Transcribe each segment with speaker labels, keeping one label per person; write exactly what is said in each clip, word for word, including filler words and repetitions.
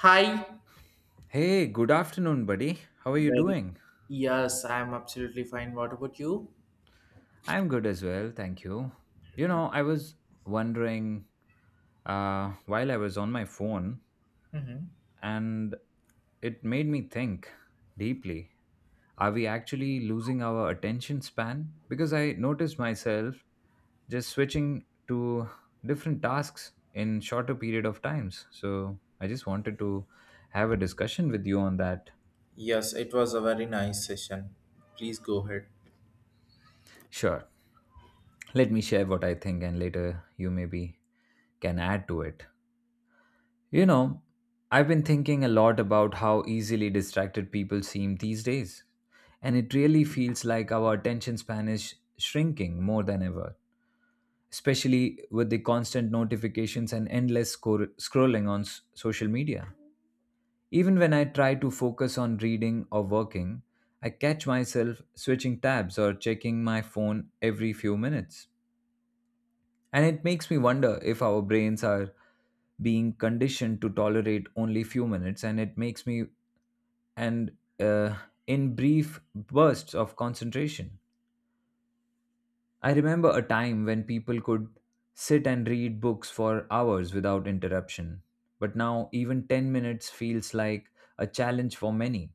Speaker 1: Hi.
Speaker 2: Hey, good afternoon, buddy. How are you
Speaker 1: Very.
Speaker 2: doing?
Speaker 1: Yes, I'm absolutely fine. What about you?
Speaker 2: I'm good as well, thank you. You know, I was wondering uh, while I was on my phone,
Speaker 1: Mm-hmm.
Speaker 2: and it made me think deeply. Are we actually losing our attention span? Because I noticed myself just switching to different tasks in shorter period of times. So I just wanted to have a discussion with you on that.
Speaker 1: Yes, it was a very nice session. Please go ahead.
Speaker 2: Sure. Let me share what I think, and later you maybe can add to it. You know, I've been thinking a lot about how easily distracted people seem these days, and it really feels like our attention span is sh- shrinking more than ever, especially with the constant notifications and endless scor- scrolling on s- social media. Even when I try to focus on reading or working, I catch myself switching tabs or checking my phone every few minutes. And it makes me wonder if our brains are being conditioned to tolerate only few minutes and it makes me and uh, in brief bursts of concentration. I remember a time when people could sit and read books for hours without interruption, but now even ten minutes feels like a challenge for many.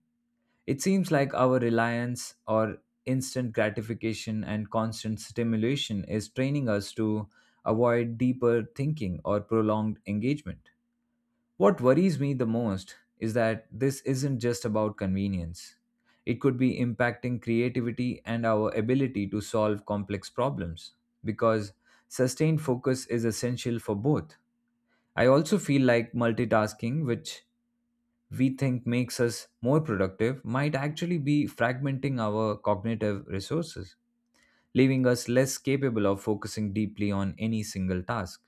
Speaker 2: It seems like our reliance or instant gratification and constant stimulation is training us to avoid deeper thinking or prolonged engagement. What worries me the most is that this isn't just about convenience. It could be impacting creativity and our ability to solve complex problems because sustained focus is essential for both. I also feel like multitasking, which we think makes us more productive might actually be fragmenting our cognitive resources, leaving us less capable of focusing deeply on any single task.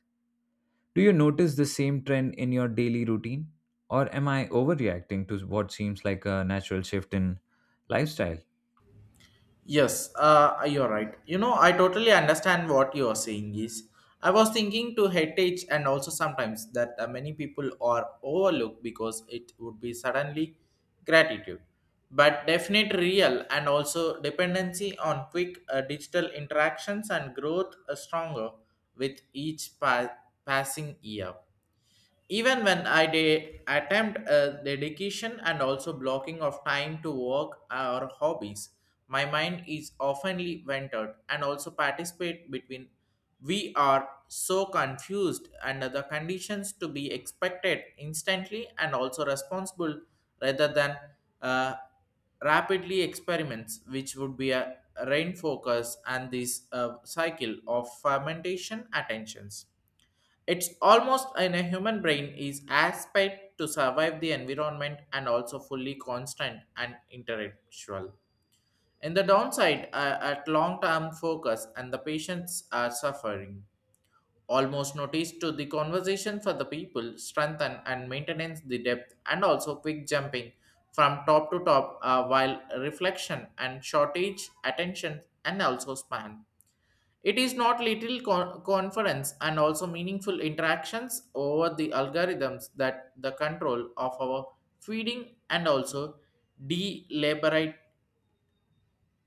Speaker 2: Do you notice the same trend in your daily routine? Or am I overreacting to what seems like a natural shift in lifestyle?
Speaker 1: Yes, uh, you're right. You know, I totally understand what you're saying is. I was thinking to heritage and also sometimes that uh, many people are overlooked because it would be suddenly gratitude. But definite real and also dependency on quick uh, digital interactions and growth uh, stronger with each pa- passing year, even when I did attempt a dedication and also blocking of time to work or hobbies. My mind is oftenly ventured and also participate between. We are so confused under the conditions to be expected instantly and also responsible rather than uh, rapidly experiments which would be a rain focus, and this uh, cycle of fermentation attentions, it's almost in a human brain is aspect to survive the environment and also fully constant and intellectual. In the downside, uh, at long-term focus and the patients are suffering. Almost noticed to the conversation for the people strengthen and maintenance the depth and also quick jumping from top to top uh, while reflection and shortage attention and also span. It is not little con- conference and also meaningful interactions over the algorithms that the control of our feeding and also deliberate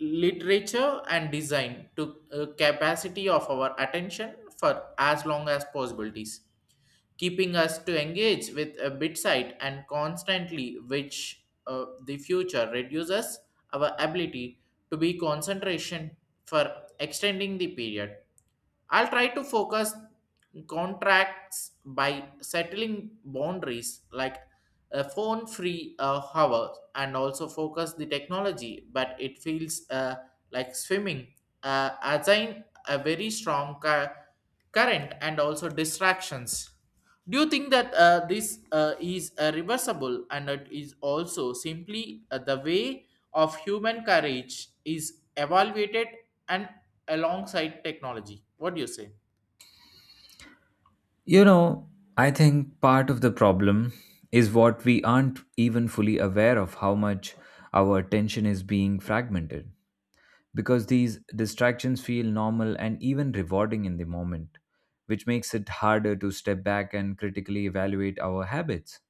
Speaker 1: literature and design to uh, capacity of our attention for as long as possibilities keeping us to engage with a bit site and constantly which uh, the future reduces our ability to be concentration for extending the period. I'll try to focus contracts by settling boundaries like a phone free uh, hour and also focus the technology, but it feels uh, like swimming uh, assign a very strong cu- current and also distractions. Do you think that uh, this uh, is uh, reversible and it is also simply uh, the way of human courage is evaluated and alongside technology? What do you say?
Speaker 2: You know, I think part of the problem is what we aren't even fully aware of how much our attention is being fragmented, because these distractions feel normal and even rewarding in the moment, which makes it harder to step back and critically evaluate our habits.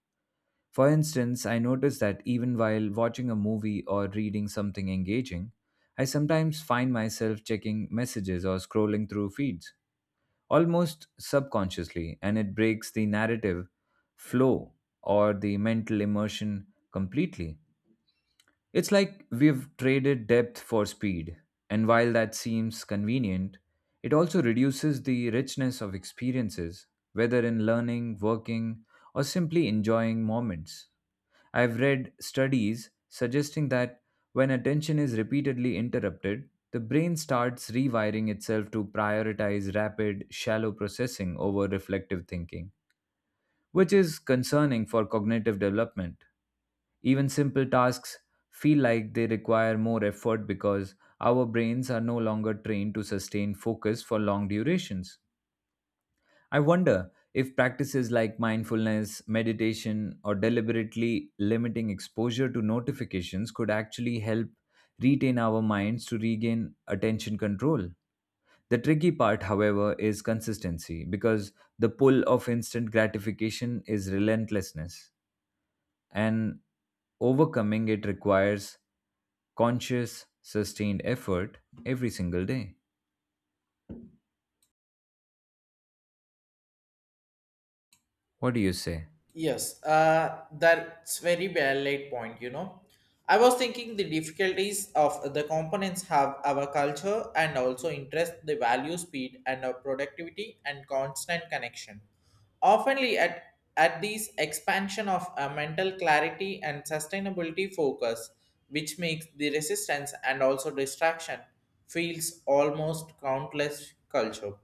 Speaker 2: For instance, I notice that even while watching a movie or reading something engaging, I sometimes find myself checking messages or scrolling through feeds, almost subconsciously, and it breaks the narrative flow or the mental immersion completely. It's like we've traded depth for speed, and while that seems convenient, it also reduces the richness of experiences, whether in learning, working, or simply enjoying moments. I've read studies suggesting that when attention is repeatedly interrupted, the brain starts rewiring itself to prioritize rapid, shallow processing over reflective thinking, which is concerning for cognitive development. Even simple tasks feel like they require more effort because our brains are no longer trained to sustain focus for long durations. I wonder if practices like mindfulness, meditation, or deliberately limiting exposure to notifications could actually help retain our minds to regain attention control. The tricky part, however, is consistency because the pull of instant gratification is relentlessness and overcoming it requires conscious, sustained effort every single day. What do you say?
Speaker 1: Yes, uh, that's very valid point, you know. I was thinking the difficulties of the components have our culture and also interest, the value, speed, and our productivity and constant connection. Oftenly at at these expansion of a mental clarity and sustainability focus, which makes the resistance and also distraction feels almost countless culture.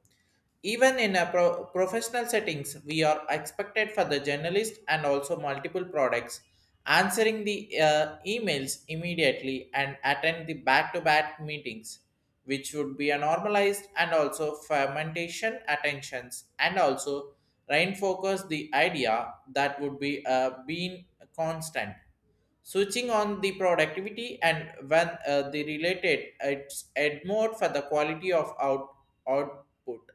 Speaker 1: Even in a pro- professional settings, we are expected for the journalist and also multiple products, answering the uh, emails immediately and attend the back-to-back meetings, which would be a normalized and also fermentation attentions and also reinforce the idea that would be uh, being constant. Switching on the productivity and when uh, the related it's add more for the quality of out output.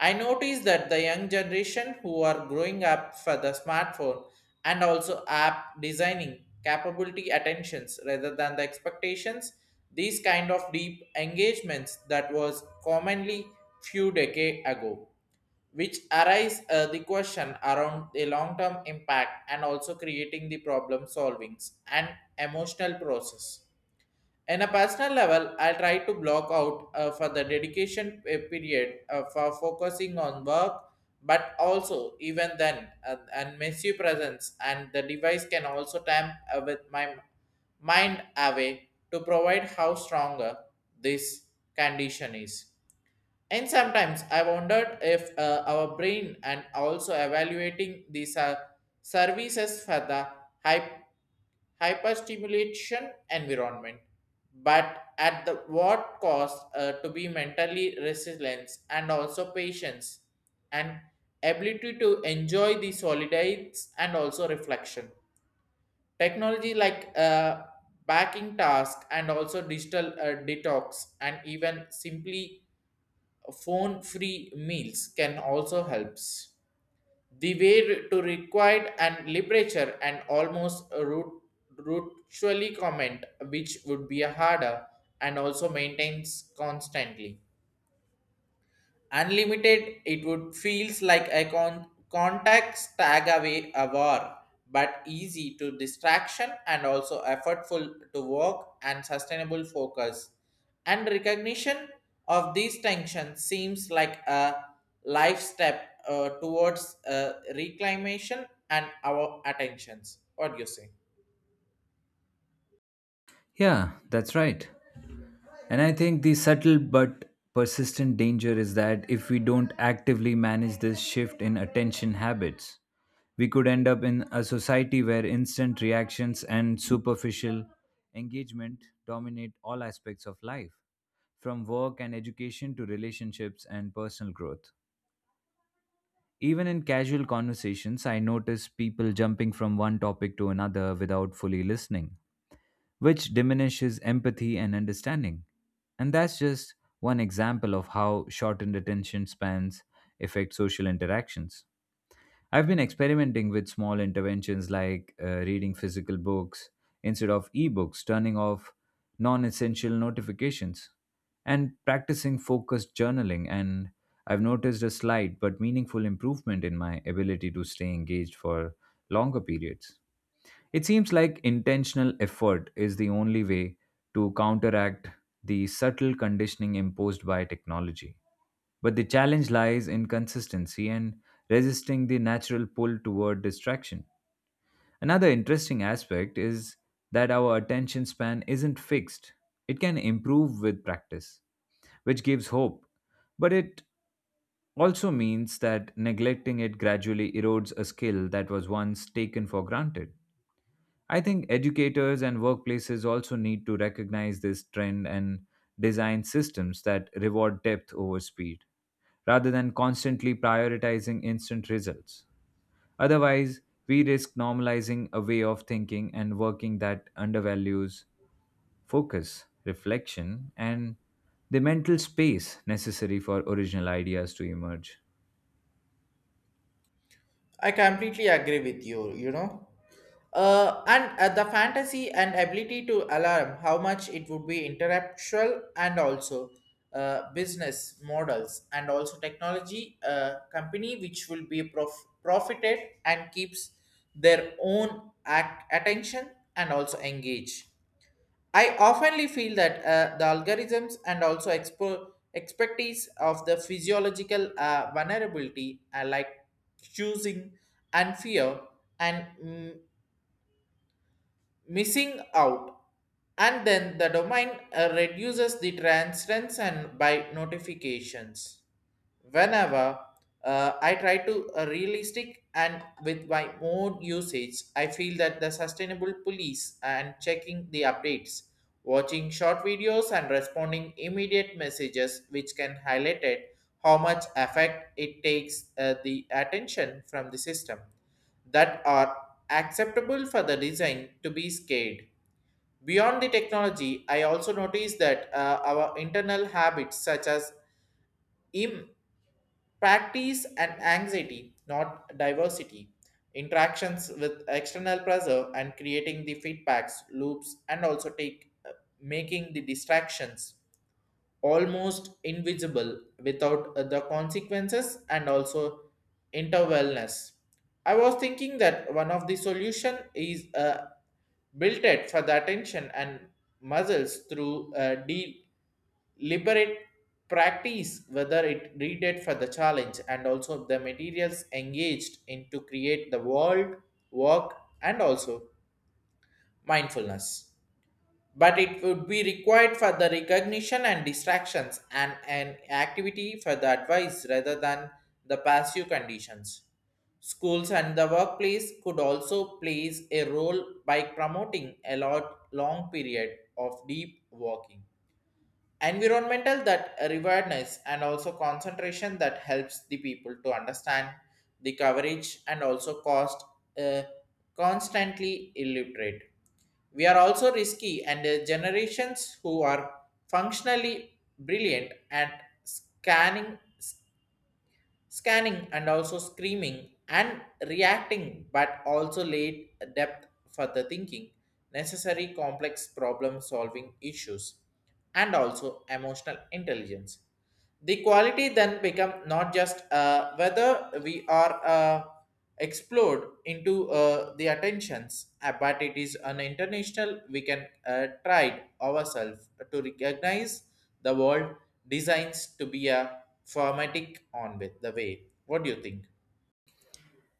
Speaker 1: I notice that the young generation who are growing up for the smartphone and also app designing capability attentions rather than the expectations, these kind of deep engagements that was commonly few decades ago, which arise uh, the question around the long-term impact and also creating the problem solvings and emotional process. In a personal level, I try to block out uh, for the dedication uh, period uh, for focusing on work, but also even then, uh, and miss you presence and the device can also time uh, with my mind away to provide how stronger this condition is. And sometimes I wondered if uh, our brain and also evaluating these uh, services for the hype hyperstimulation environment, but at the what cost uh, to be mentally resilience and also patience and ability to enjoy the solidites and also reflection. Technology like uh, backing task and also digital uh, detox and even simply phone free meals can also helps the way to required and literature and almost a root ritually comment which would be a harder and also maintains constantly. Unlimited, it would feels like a con- contact stag away a war, but easy to distraction and also effortful to work and sustainable focus. And recognition of these tensions seems like a life step uh, towards uh, reclamation and our attentions. What do you say?
Speaker 2: Yeah, that's right. And I think the subtle but persistent danger is that if we don't actively manage this shift in attention habits, we could end up in a society where instant reactions and superficial engagement dominate all aspects of life, from work and education to relationships and personal growth. Even in casual conversations, I notice people jumping from one topic to another without fully listening, which diminishes empathy and understanding. And that's just one example of how shortened attention spans affect social interactions. I've been experimenting with small interventions like uh, reading physical books instead of ebooks, turning off non essential notifications, and practicing focused journaling. And I've noticed a slight but meaningful improvement in my ability to stay engaged for longer periods. It seems like intentional effort is the only way to counteract the subtle conditioning imposed by technology. But the challenge lies in consistency and resisting the natural pull toward distraction. Another interesting aspect is that our attention span isn't fixed, it can improve with practice, which gives hope. But it also means that neglecting it gradually erodes a skill that was once taken for granted. I think educators and workplaces also need to recognize this trend and design systems that reward depth over speed rather than constantly prioritizing instant results. Otherwise, we risk normalizing a way of thinking and working that undervalues focus, reflection, and the mental space necessary for original ideas to emerge.
Speaker 1: I completely agree with you, you know. Uh, and uh, the fantasy and ability to alarm how much it would be intellectual and also uh, business models and also technology uh, company which will be prof- profited and keeps their own act- attention and also engage. I oftenly feel that uh, the algorithms and also expo- expertise of the physiological uh, vulnerability, uh, like choosing and fear, and mm, missing out and then the domain uh, reduces the transference and by notifications whenever uh, I try to uh, realistic and with my own usage I feel that the sustainable police and checking the updates watching short videos and responding immediate messages which can highlight it how much effect it takes uh, the attention from the system that are acceptable for the design to be scaled. Beyond the technology, I also noticed that uh, our internal habits such as im- practice and anxiety, not diversity, interactions with external pressure and creating the feedbacks, loops, and also take uh, making the distractions almost invisible without uh, the consequences and also interwellness. I was thinking that one of the solution is uh, built it for the attention and muscles through uh, deliberate practice, whether it read it for the challenge and also the materials engaged in to create the world, work and also mindfulness, but it would be required for the recognition and distractions and an activity for the advice rather than the passive conditions. Schools and the workplace could also plays a role by promoting a lot long period of deep working. Environmental that awareness and also concentration that helps the people to understand the coverage and also cost uh, constantly illiterate we are also risky, and the generations who are functionally brilliant at scanning, s- scanning, and also screaming and reacting, but also laid depth for the thinking, necessary complex problem solving issues, and also emotional intelligence the quality then become not just uh, whether we are uh, explored into uh, the attentions uh, but it is an international we can uh, try ourselves to recognize the world designs to be a formatic on with the way. What do you think?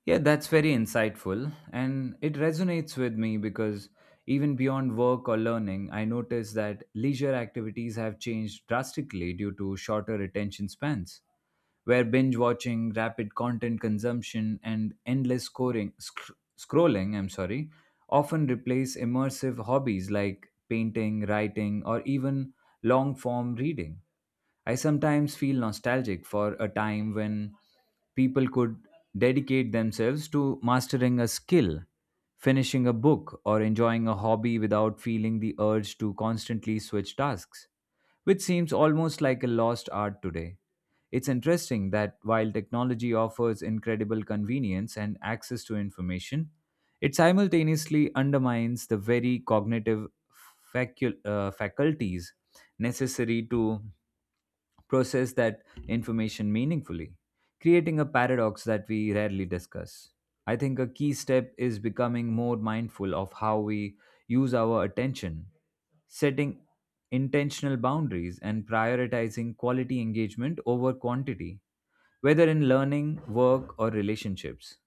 Speaker 2: Yeah, that's very insightful, and it resonates with me because even beyond work or learning, I notice that leisure activities have changed drastically due to shorter attention spans, where binge watching, rapid content consumption, and endless scoring, sc- scrolling, I'm sorry, often replace immersive hobbies like painting, writing, or even long form reading. I sometimes feel nostalgic for a time when people could dedicate themselves to mastering a skill, finishing a book, or enjoying a hobby without feeling the urge to constantly switch tasks, which seems almost like a lost art today. It's interesting that while technology offers incredible convenience and access to information, it simultaneously undermines the very cognitive facu- uh, faculties necessary to process that information meaningfully, creating a paradox that we rarely discuss. I think a key step is becoming more mindful of how we use our attention, setting intentional boundaries, and prioritizing quality engagement over quantity, whether in learning, work, or relationships.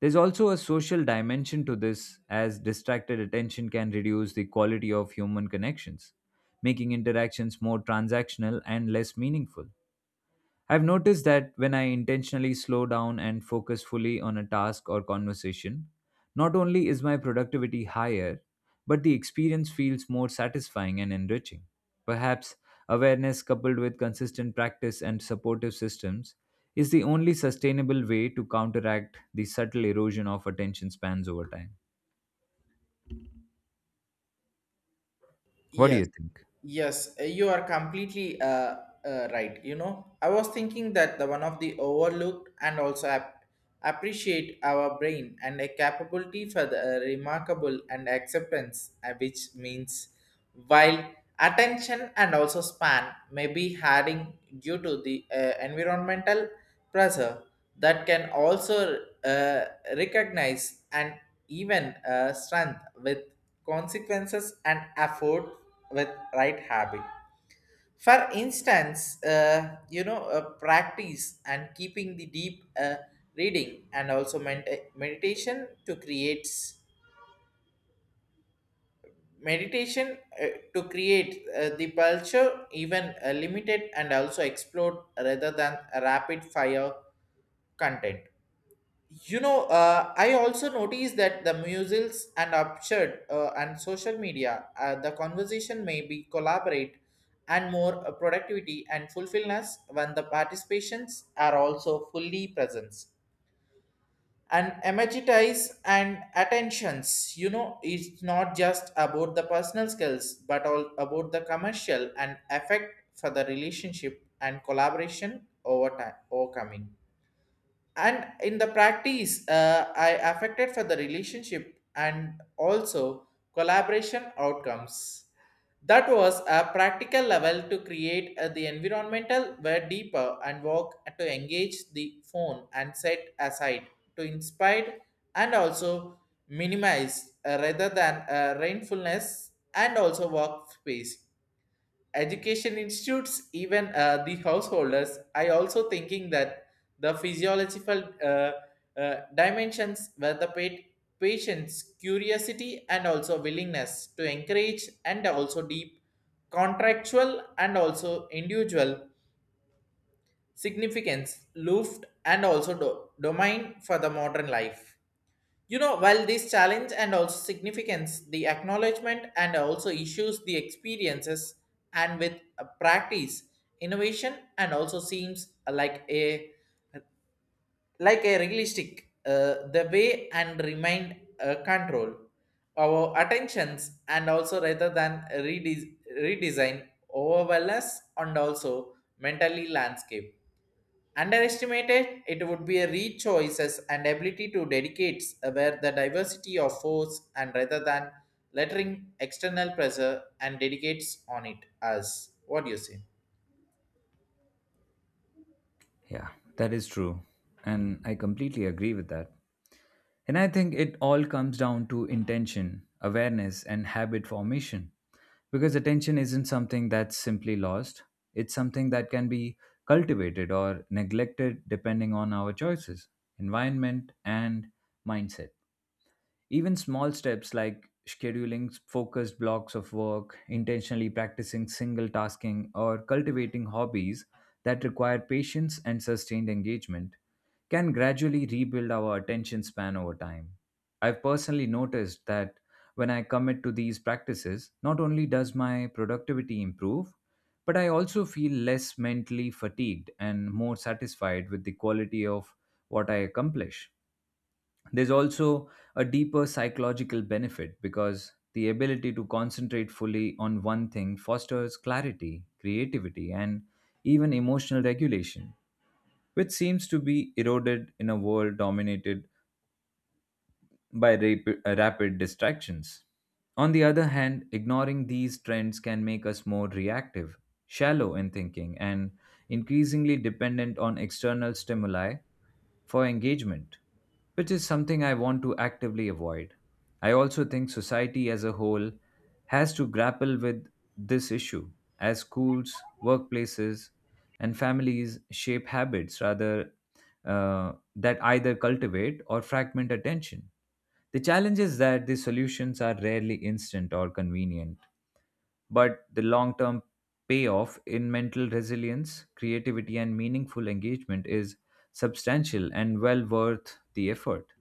Speaker 2: There's also a social dimension to this, as distracted attention can reduce the quality of human connections, making interactions more transactional and less meaningful. I've noticed that when I intentionally slow down and focus fully on a task or conversation, not only is my productivity higher, but the experience feels more satisfying and enriching. Perhaps awareness coupled with consistent practice and supportive systems is the only sustainable way to counteract the subtle erosion of attention spans over time. What do
Speaker 1: Yes.
Speaker 2: you think?
Speaker 1: Yes, uh, you are completely uh, uh, right. You know, I was thinking that the one of the overlooked and also ap- appreciate our brain and a capability for the uh, remarkable and acceptance, uh, which means while attention and also span may be having due to the uh, environmental pressure that can also uh, recognize and even uh, strength with consequences and effort with right habit. For instance uh, you know uh, practice and keeping the deep uh, reading and also ment- meditation to create meditation uh, to create uh, the culture even uh, limited and also explored rather than rapid fire content. You know, uh, I also noticed that the musicals and absurd uh, and social media, uh, the conversation may be collaborate and more uh, productivity and fulfillness when the participations are also fully present. And emphasize and attentions, you know, it's not just about the personal skills, but all about the commercial and effect for the relationship and collaboration over time, overcoming and in the practice uh, I affected for the relationship and also collaboration outcomes that was a practical level to create uh, the environmental were deeper and work to engage the phone and set aside to inspire and also minimize uh, rather than uh, rainfulness and also workspace education institutes even uh, the householders I also thinking that the physiological uh, uh, dimensions where the pa- patient's curiosity and also willingness to encourage and also deep contractual and also individual significance loft and also do- domain for the modern life. You know, while this challenge and also significance, the acknowledgement and also issues, the experiences, and with a practice, innovation, and also seems like a like a realistic uh, the way and remind uh, control our attentions and also rather than redes redesign overwhelm us and also mentally landscape. Underestimated, it would be a read choices and ability to dedicate where the diversity of force and rather than lettering external pressure and dedicates on it as. What do you say?
Speaker 2: Yeah, that is true. And I completely agree with that. And I think it all comes down to intention, awareness, and habit formation. Because attention isn't something that's simply lost, it's something that can be cultivated or neglected depending on our choices, environment, and mindset. Even small steps like scheduling focused blocks of work, intentionally practicing single tasking, or cultivating hobbies that require patience and sustained engagement can gradually rebuild our attention span over time. I've personally noticed that when I commit to these practices, not only does my productivity improve, but I also feel less mentally fatigued and more satisfied with the quality of what I accomplish. There's also a deeper psychological benefit because the ability to concentrate fully on one thing fosters clarity, creativity, and even emotional regulation, which seems to be eroded in a world dominated by rapid, rapid distractions. On the other hand, ignoring these trends can make us more reactive, shallow in thinking, and increasingly dependent on external stimuli for engagement, which is something I want to actively avoid. I also think society as a whole has to grapple with this issue as schools, workplaces, and families shape habits rather uh, that either cultivate or fragment attention. The challenge is that the solutions are rarely instant or convenient, but the long term payoff in mental resilience, creativity, and meaningful engagement is substantial and well worth the effort.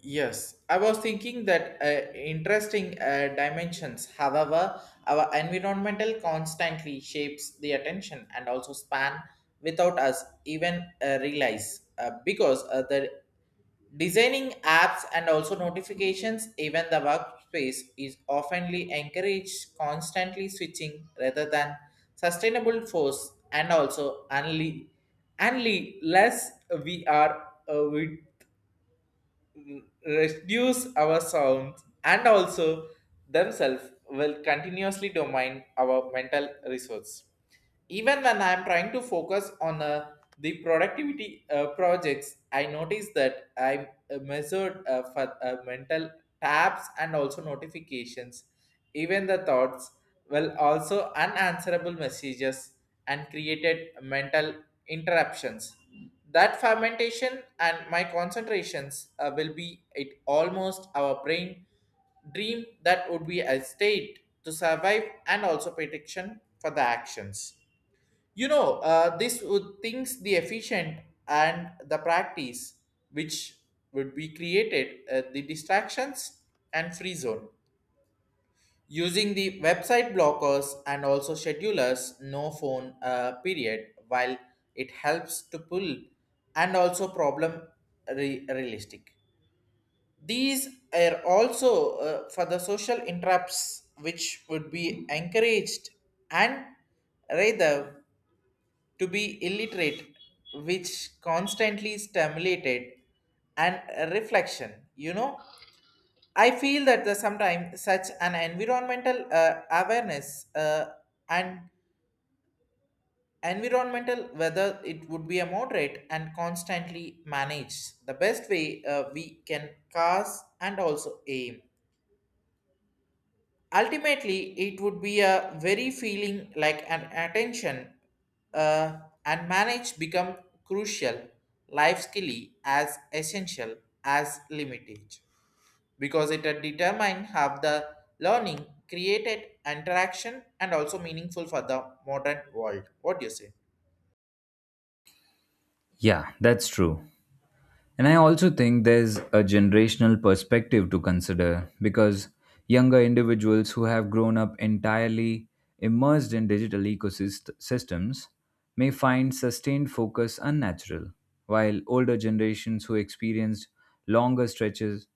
Speaker 1: Yes, I was thinking that uh, interesting uh, dimensions. However, our environmental constantly shapes the attention and also span without us even uh, realize uh, because uh, the designing apps and also notifications, even the workspace is oftenly encouraged constantly switching rather than sustainable force and also only only less we are uh, we reduce our sounds and also themselves will continuously domain our mental resource even when I'm trying to focus on uh, the productivity uh, projects I notice that I uh, measured uh, for uh, mental tabs and also notifications even the thoughts well also unanswerable messages and created mental interruptions that fermentation and my concentrations uh, will be it almost our brain dream that would be a state to survive and also protection for the actions. You know, uh, this would things the efficient and the practice which would be created uh, the distractions and free zone using the website blockers and also schedulers no phone uh, period while it helps to pull and also problem re- realistic these are also uh, for the social interrupts which would be encouraged and rather to be illiterate, which constantly stimulated and reflection. You know, I feel that the sometimes such an environmental uh, awareness uh, and environmental whether it would be a moderate and constantly managed the best way uh, we can cast and also aim. Ultimately, it would be a very feeling like an attention uh, and manage become crucial life skilly as essential as limitage because it determine how the learning created interaction and also meaningful for the modern world. What do you say?
Speaker 2: Yeah, that's true. And I also think there's a generational perspective to consider because younger individuals who have grown up entirely immersed in digital ecosystems may find sustained focus unnatural, while older generations who experienced longer stretches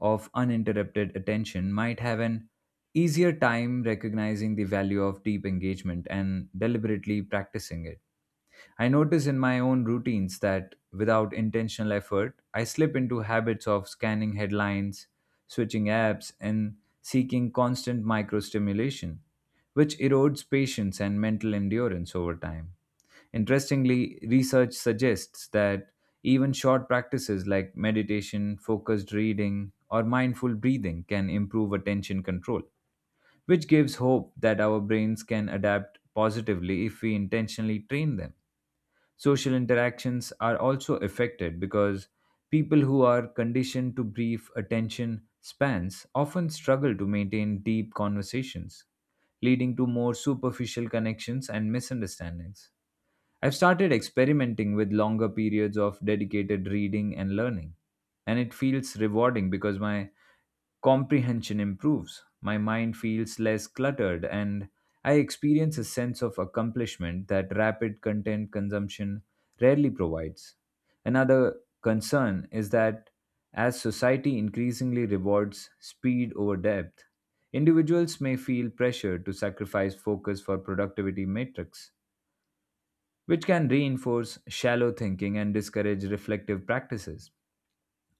Speaker 2: of uninterrupted attention might have an easier time recognizing the value of deep engagement and deliberately practicing it. I notice in my own routines that without intentional effort, I slip into habits of scanning headlines, switching apps, and seeking constant microstimulation, which erodes patience and mental endurance over time. Interestingly, research suggests that even short practices like meditation, focused reading, or mindful breathing can improve attention control, which gives hope that our brains can adapt positively if we intentionally train them. Social interactions are also affected because people who are conditioned to brief attention spans often struggle to maintain deep conversations, leading to more superficial connections and misunderstandings. I've started experimenting with longer periods of dedicated reading and learning, and it feels rewarding because my comprehension improves. My mind feels less cluttered, and I experience a sense of accomplishment that rapid content consumption rarely provides. Another concern is that as society increasingly rewards speed over depth, individuals may feel pressure to sacrifice focus for productivity metrics which can reinforce shallow thinking and discourage reflective practices.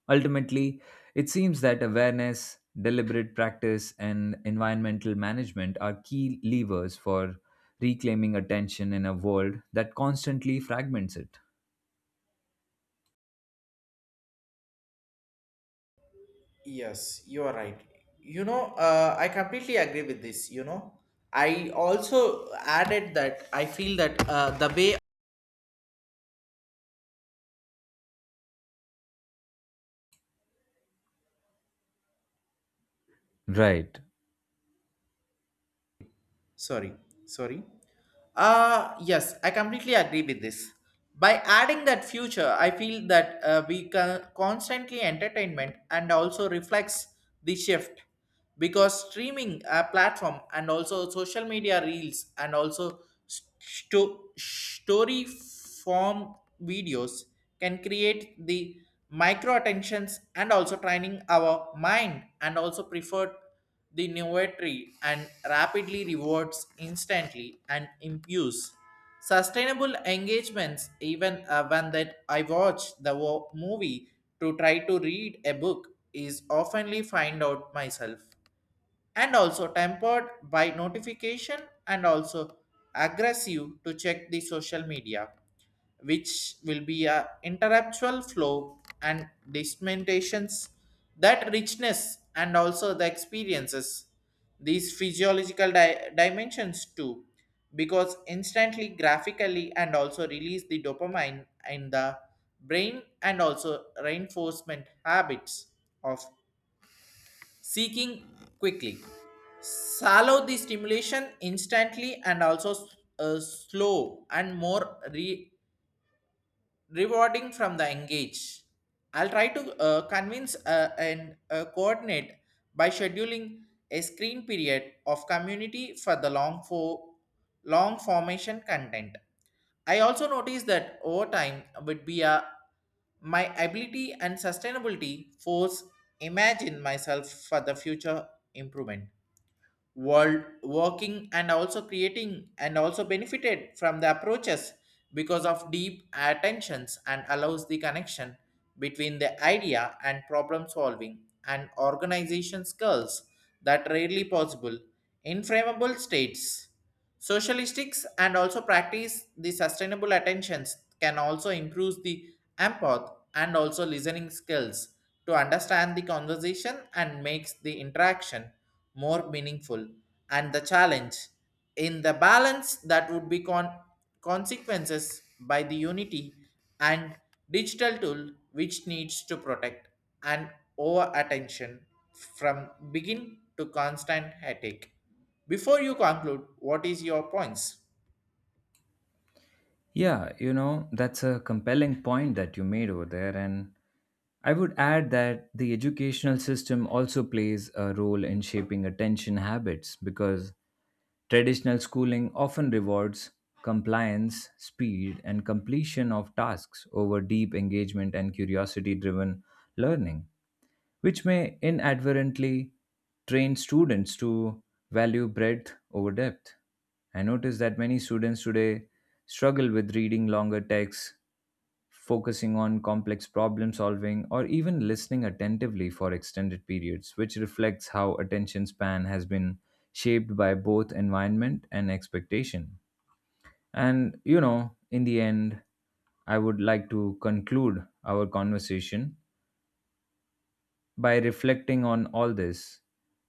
Speaker 2: Ultimately, it seems that awareness, deliberate practice, and environmental management are key levers for reclaiming attention in a world that constantly fragments it.
Speaker 1: Yes, you are right. You know, uh, I completely agree with this. You know, I also added that I feel that uh, the way
Speaker 2: Right.
Speaker 1: sorry sorry uh yes, I completely agree with this by adding that future I feel that uh, we can constantly entertainment and also reflects the shift because streaming uh, platform and also social media reels and also Sto- story form videos can create the micro attentions and also training our mind and also preferred the innovatory and rapidly rewards instantly and impulse sustainable engagements even uh, when that I watch the wo- movie to try to read a book is oftenly find out myself and also tempered by notification and also aggressive to check the social media which will be a interruptual flow and dismentations that richness and also the experiences these physiological di- dimensions too because instantly graphically and also release the dopamine in the brain and also reinforcement habits of seeking quickly. Shallow the stimulation instantly and also uh, slow and more re- rewarding from the engage. I'll try to uh, convince uh, and uh, coordinate by scheduling a screen period of community for the long for long formation content. I also noticed that over time would be a my ability and sustainability force imagine myself for the future improvement world working and also creating and also benefited from the approaches because of deep attentions and allows the connection between the idea and problem solving and organization skills that rarely possible in frameable states. Socialistics and also practice the sustainable attentions can also improve the empath and also listening skills to understand the conversation and makes the interaction more meaningful and the challenge in the balance that would be con- consequences by the unity and digital tool which needs to protect and over attention from begin to constant headache before you conclude, what is your points?
Speaker 2: Yeah, you know, that's a compelling point that you made over there. And I would add that the educational system also plays a role in shaping attention habits because traditional schooling often rewards compliance, speed, and completion of tasks over deep engagement and curiosity driven learning, which may inadvertently train students to value breadth over depth. I notice that many students today struggle with reading longer texts focusing on complex problem solving, or even listening attentively for extended periods, which reflects how attention span has been shaped by both environment and expectation. And, you know, in the end, I would like to conclude our conversation by reflecting on all this.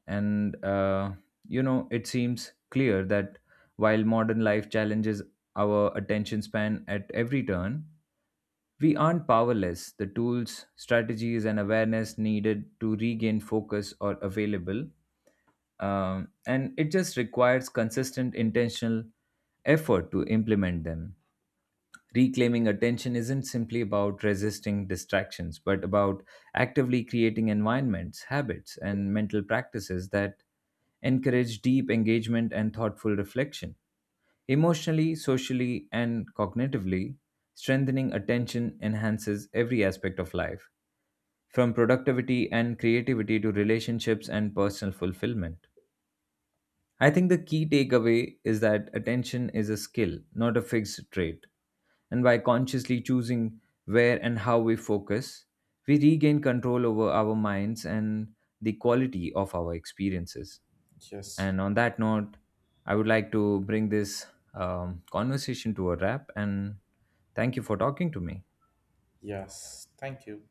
Speaker 2: And, uh, you know, it seems clear that while modern life challenges our attention span at every turn, we aren't powerless. The tools, strategies, and awareness needed to regain focus are available. Um, and it just requires consistent, intentional effort to implement them. Reclaiming attention isn't simply about resisting distractions, but about actively creating environments, habits, and mental practices that encourage deep engagement and thoughtful reflection. Emotionally, socially, and cognitively, strengthening attention enhances every aspect of life, from productivity and creativity to relationships and personal fulfillment. I think the key takeaway is that attention is a skill, not a fixed trait. And by consciously choosing where and how we focus, we regain control over our minds and the quality of our experiences.
Speaker 1: Yes.
Speaker 2: And on that note, I would like to bring this um, conversation to a wrap and thank you for talking to me.
Speaker 1: Yes. Thank you.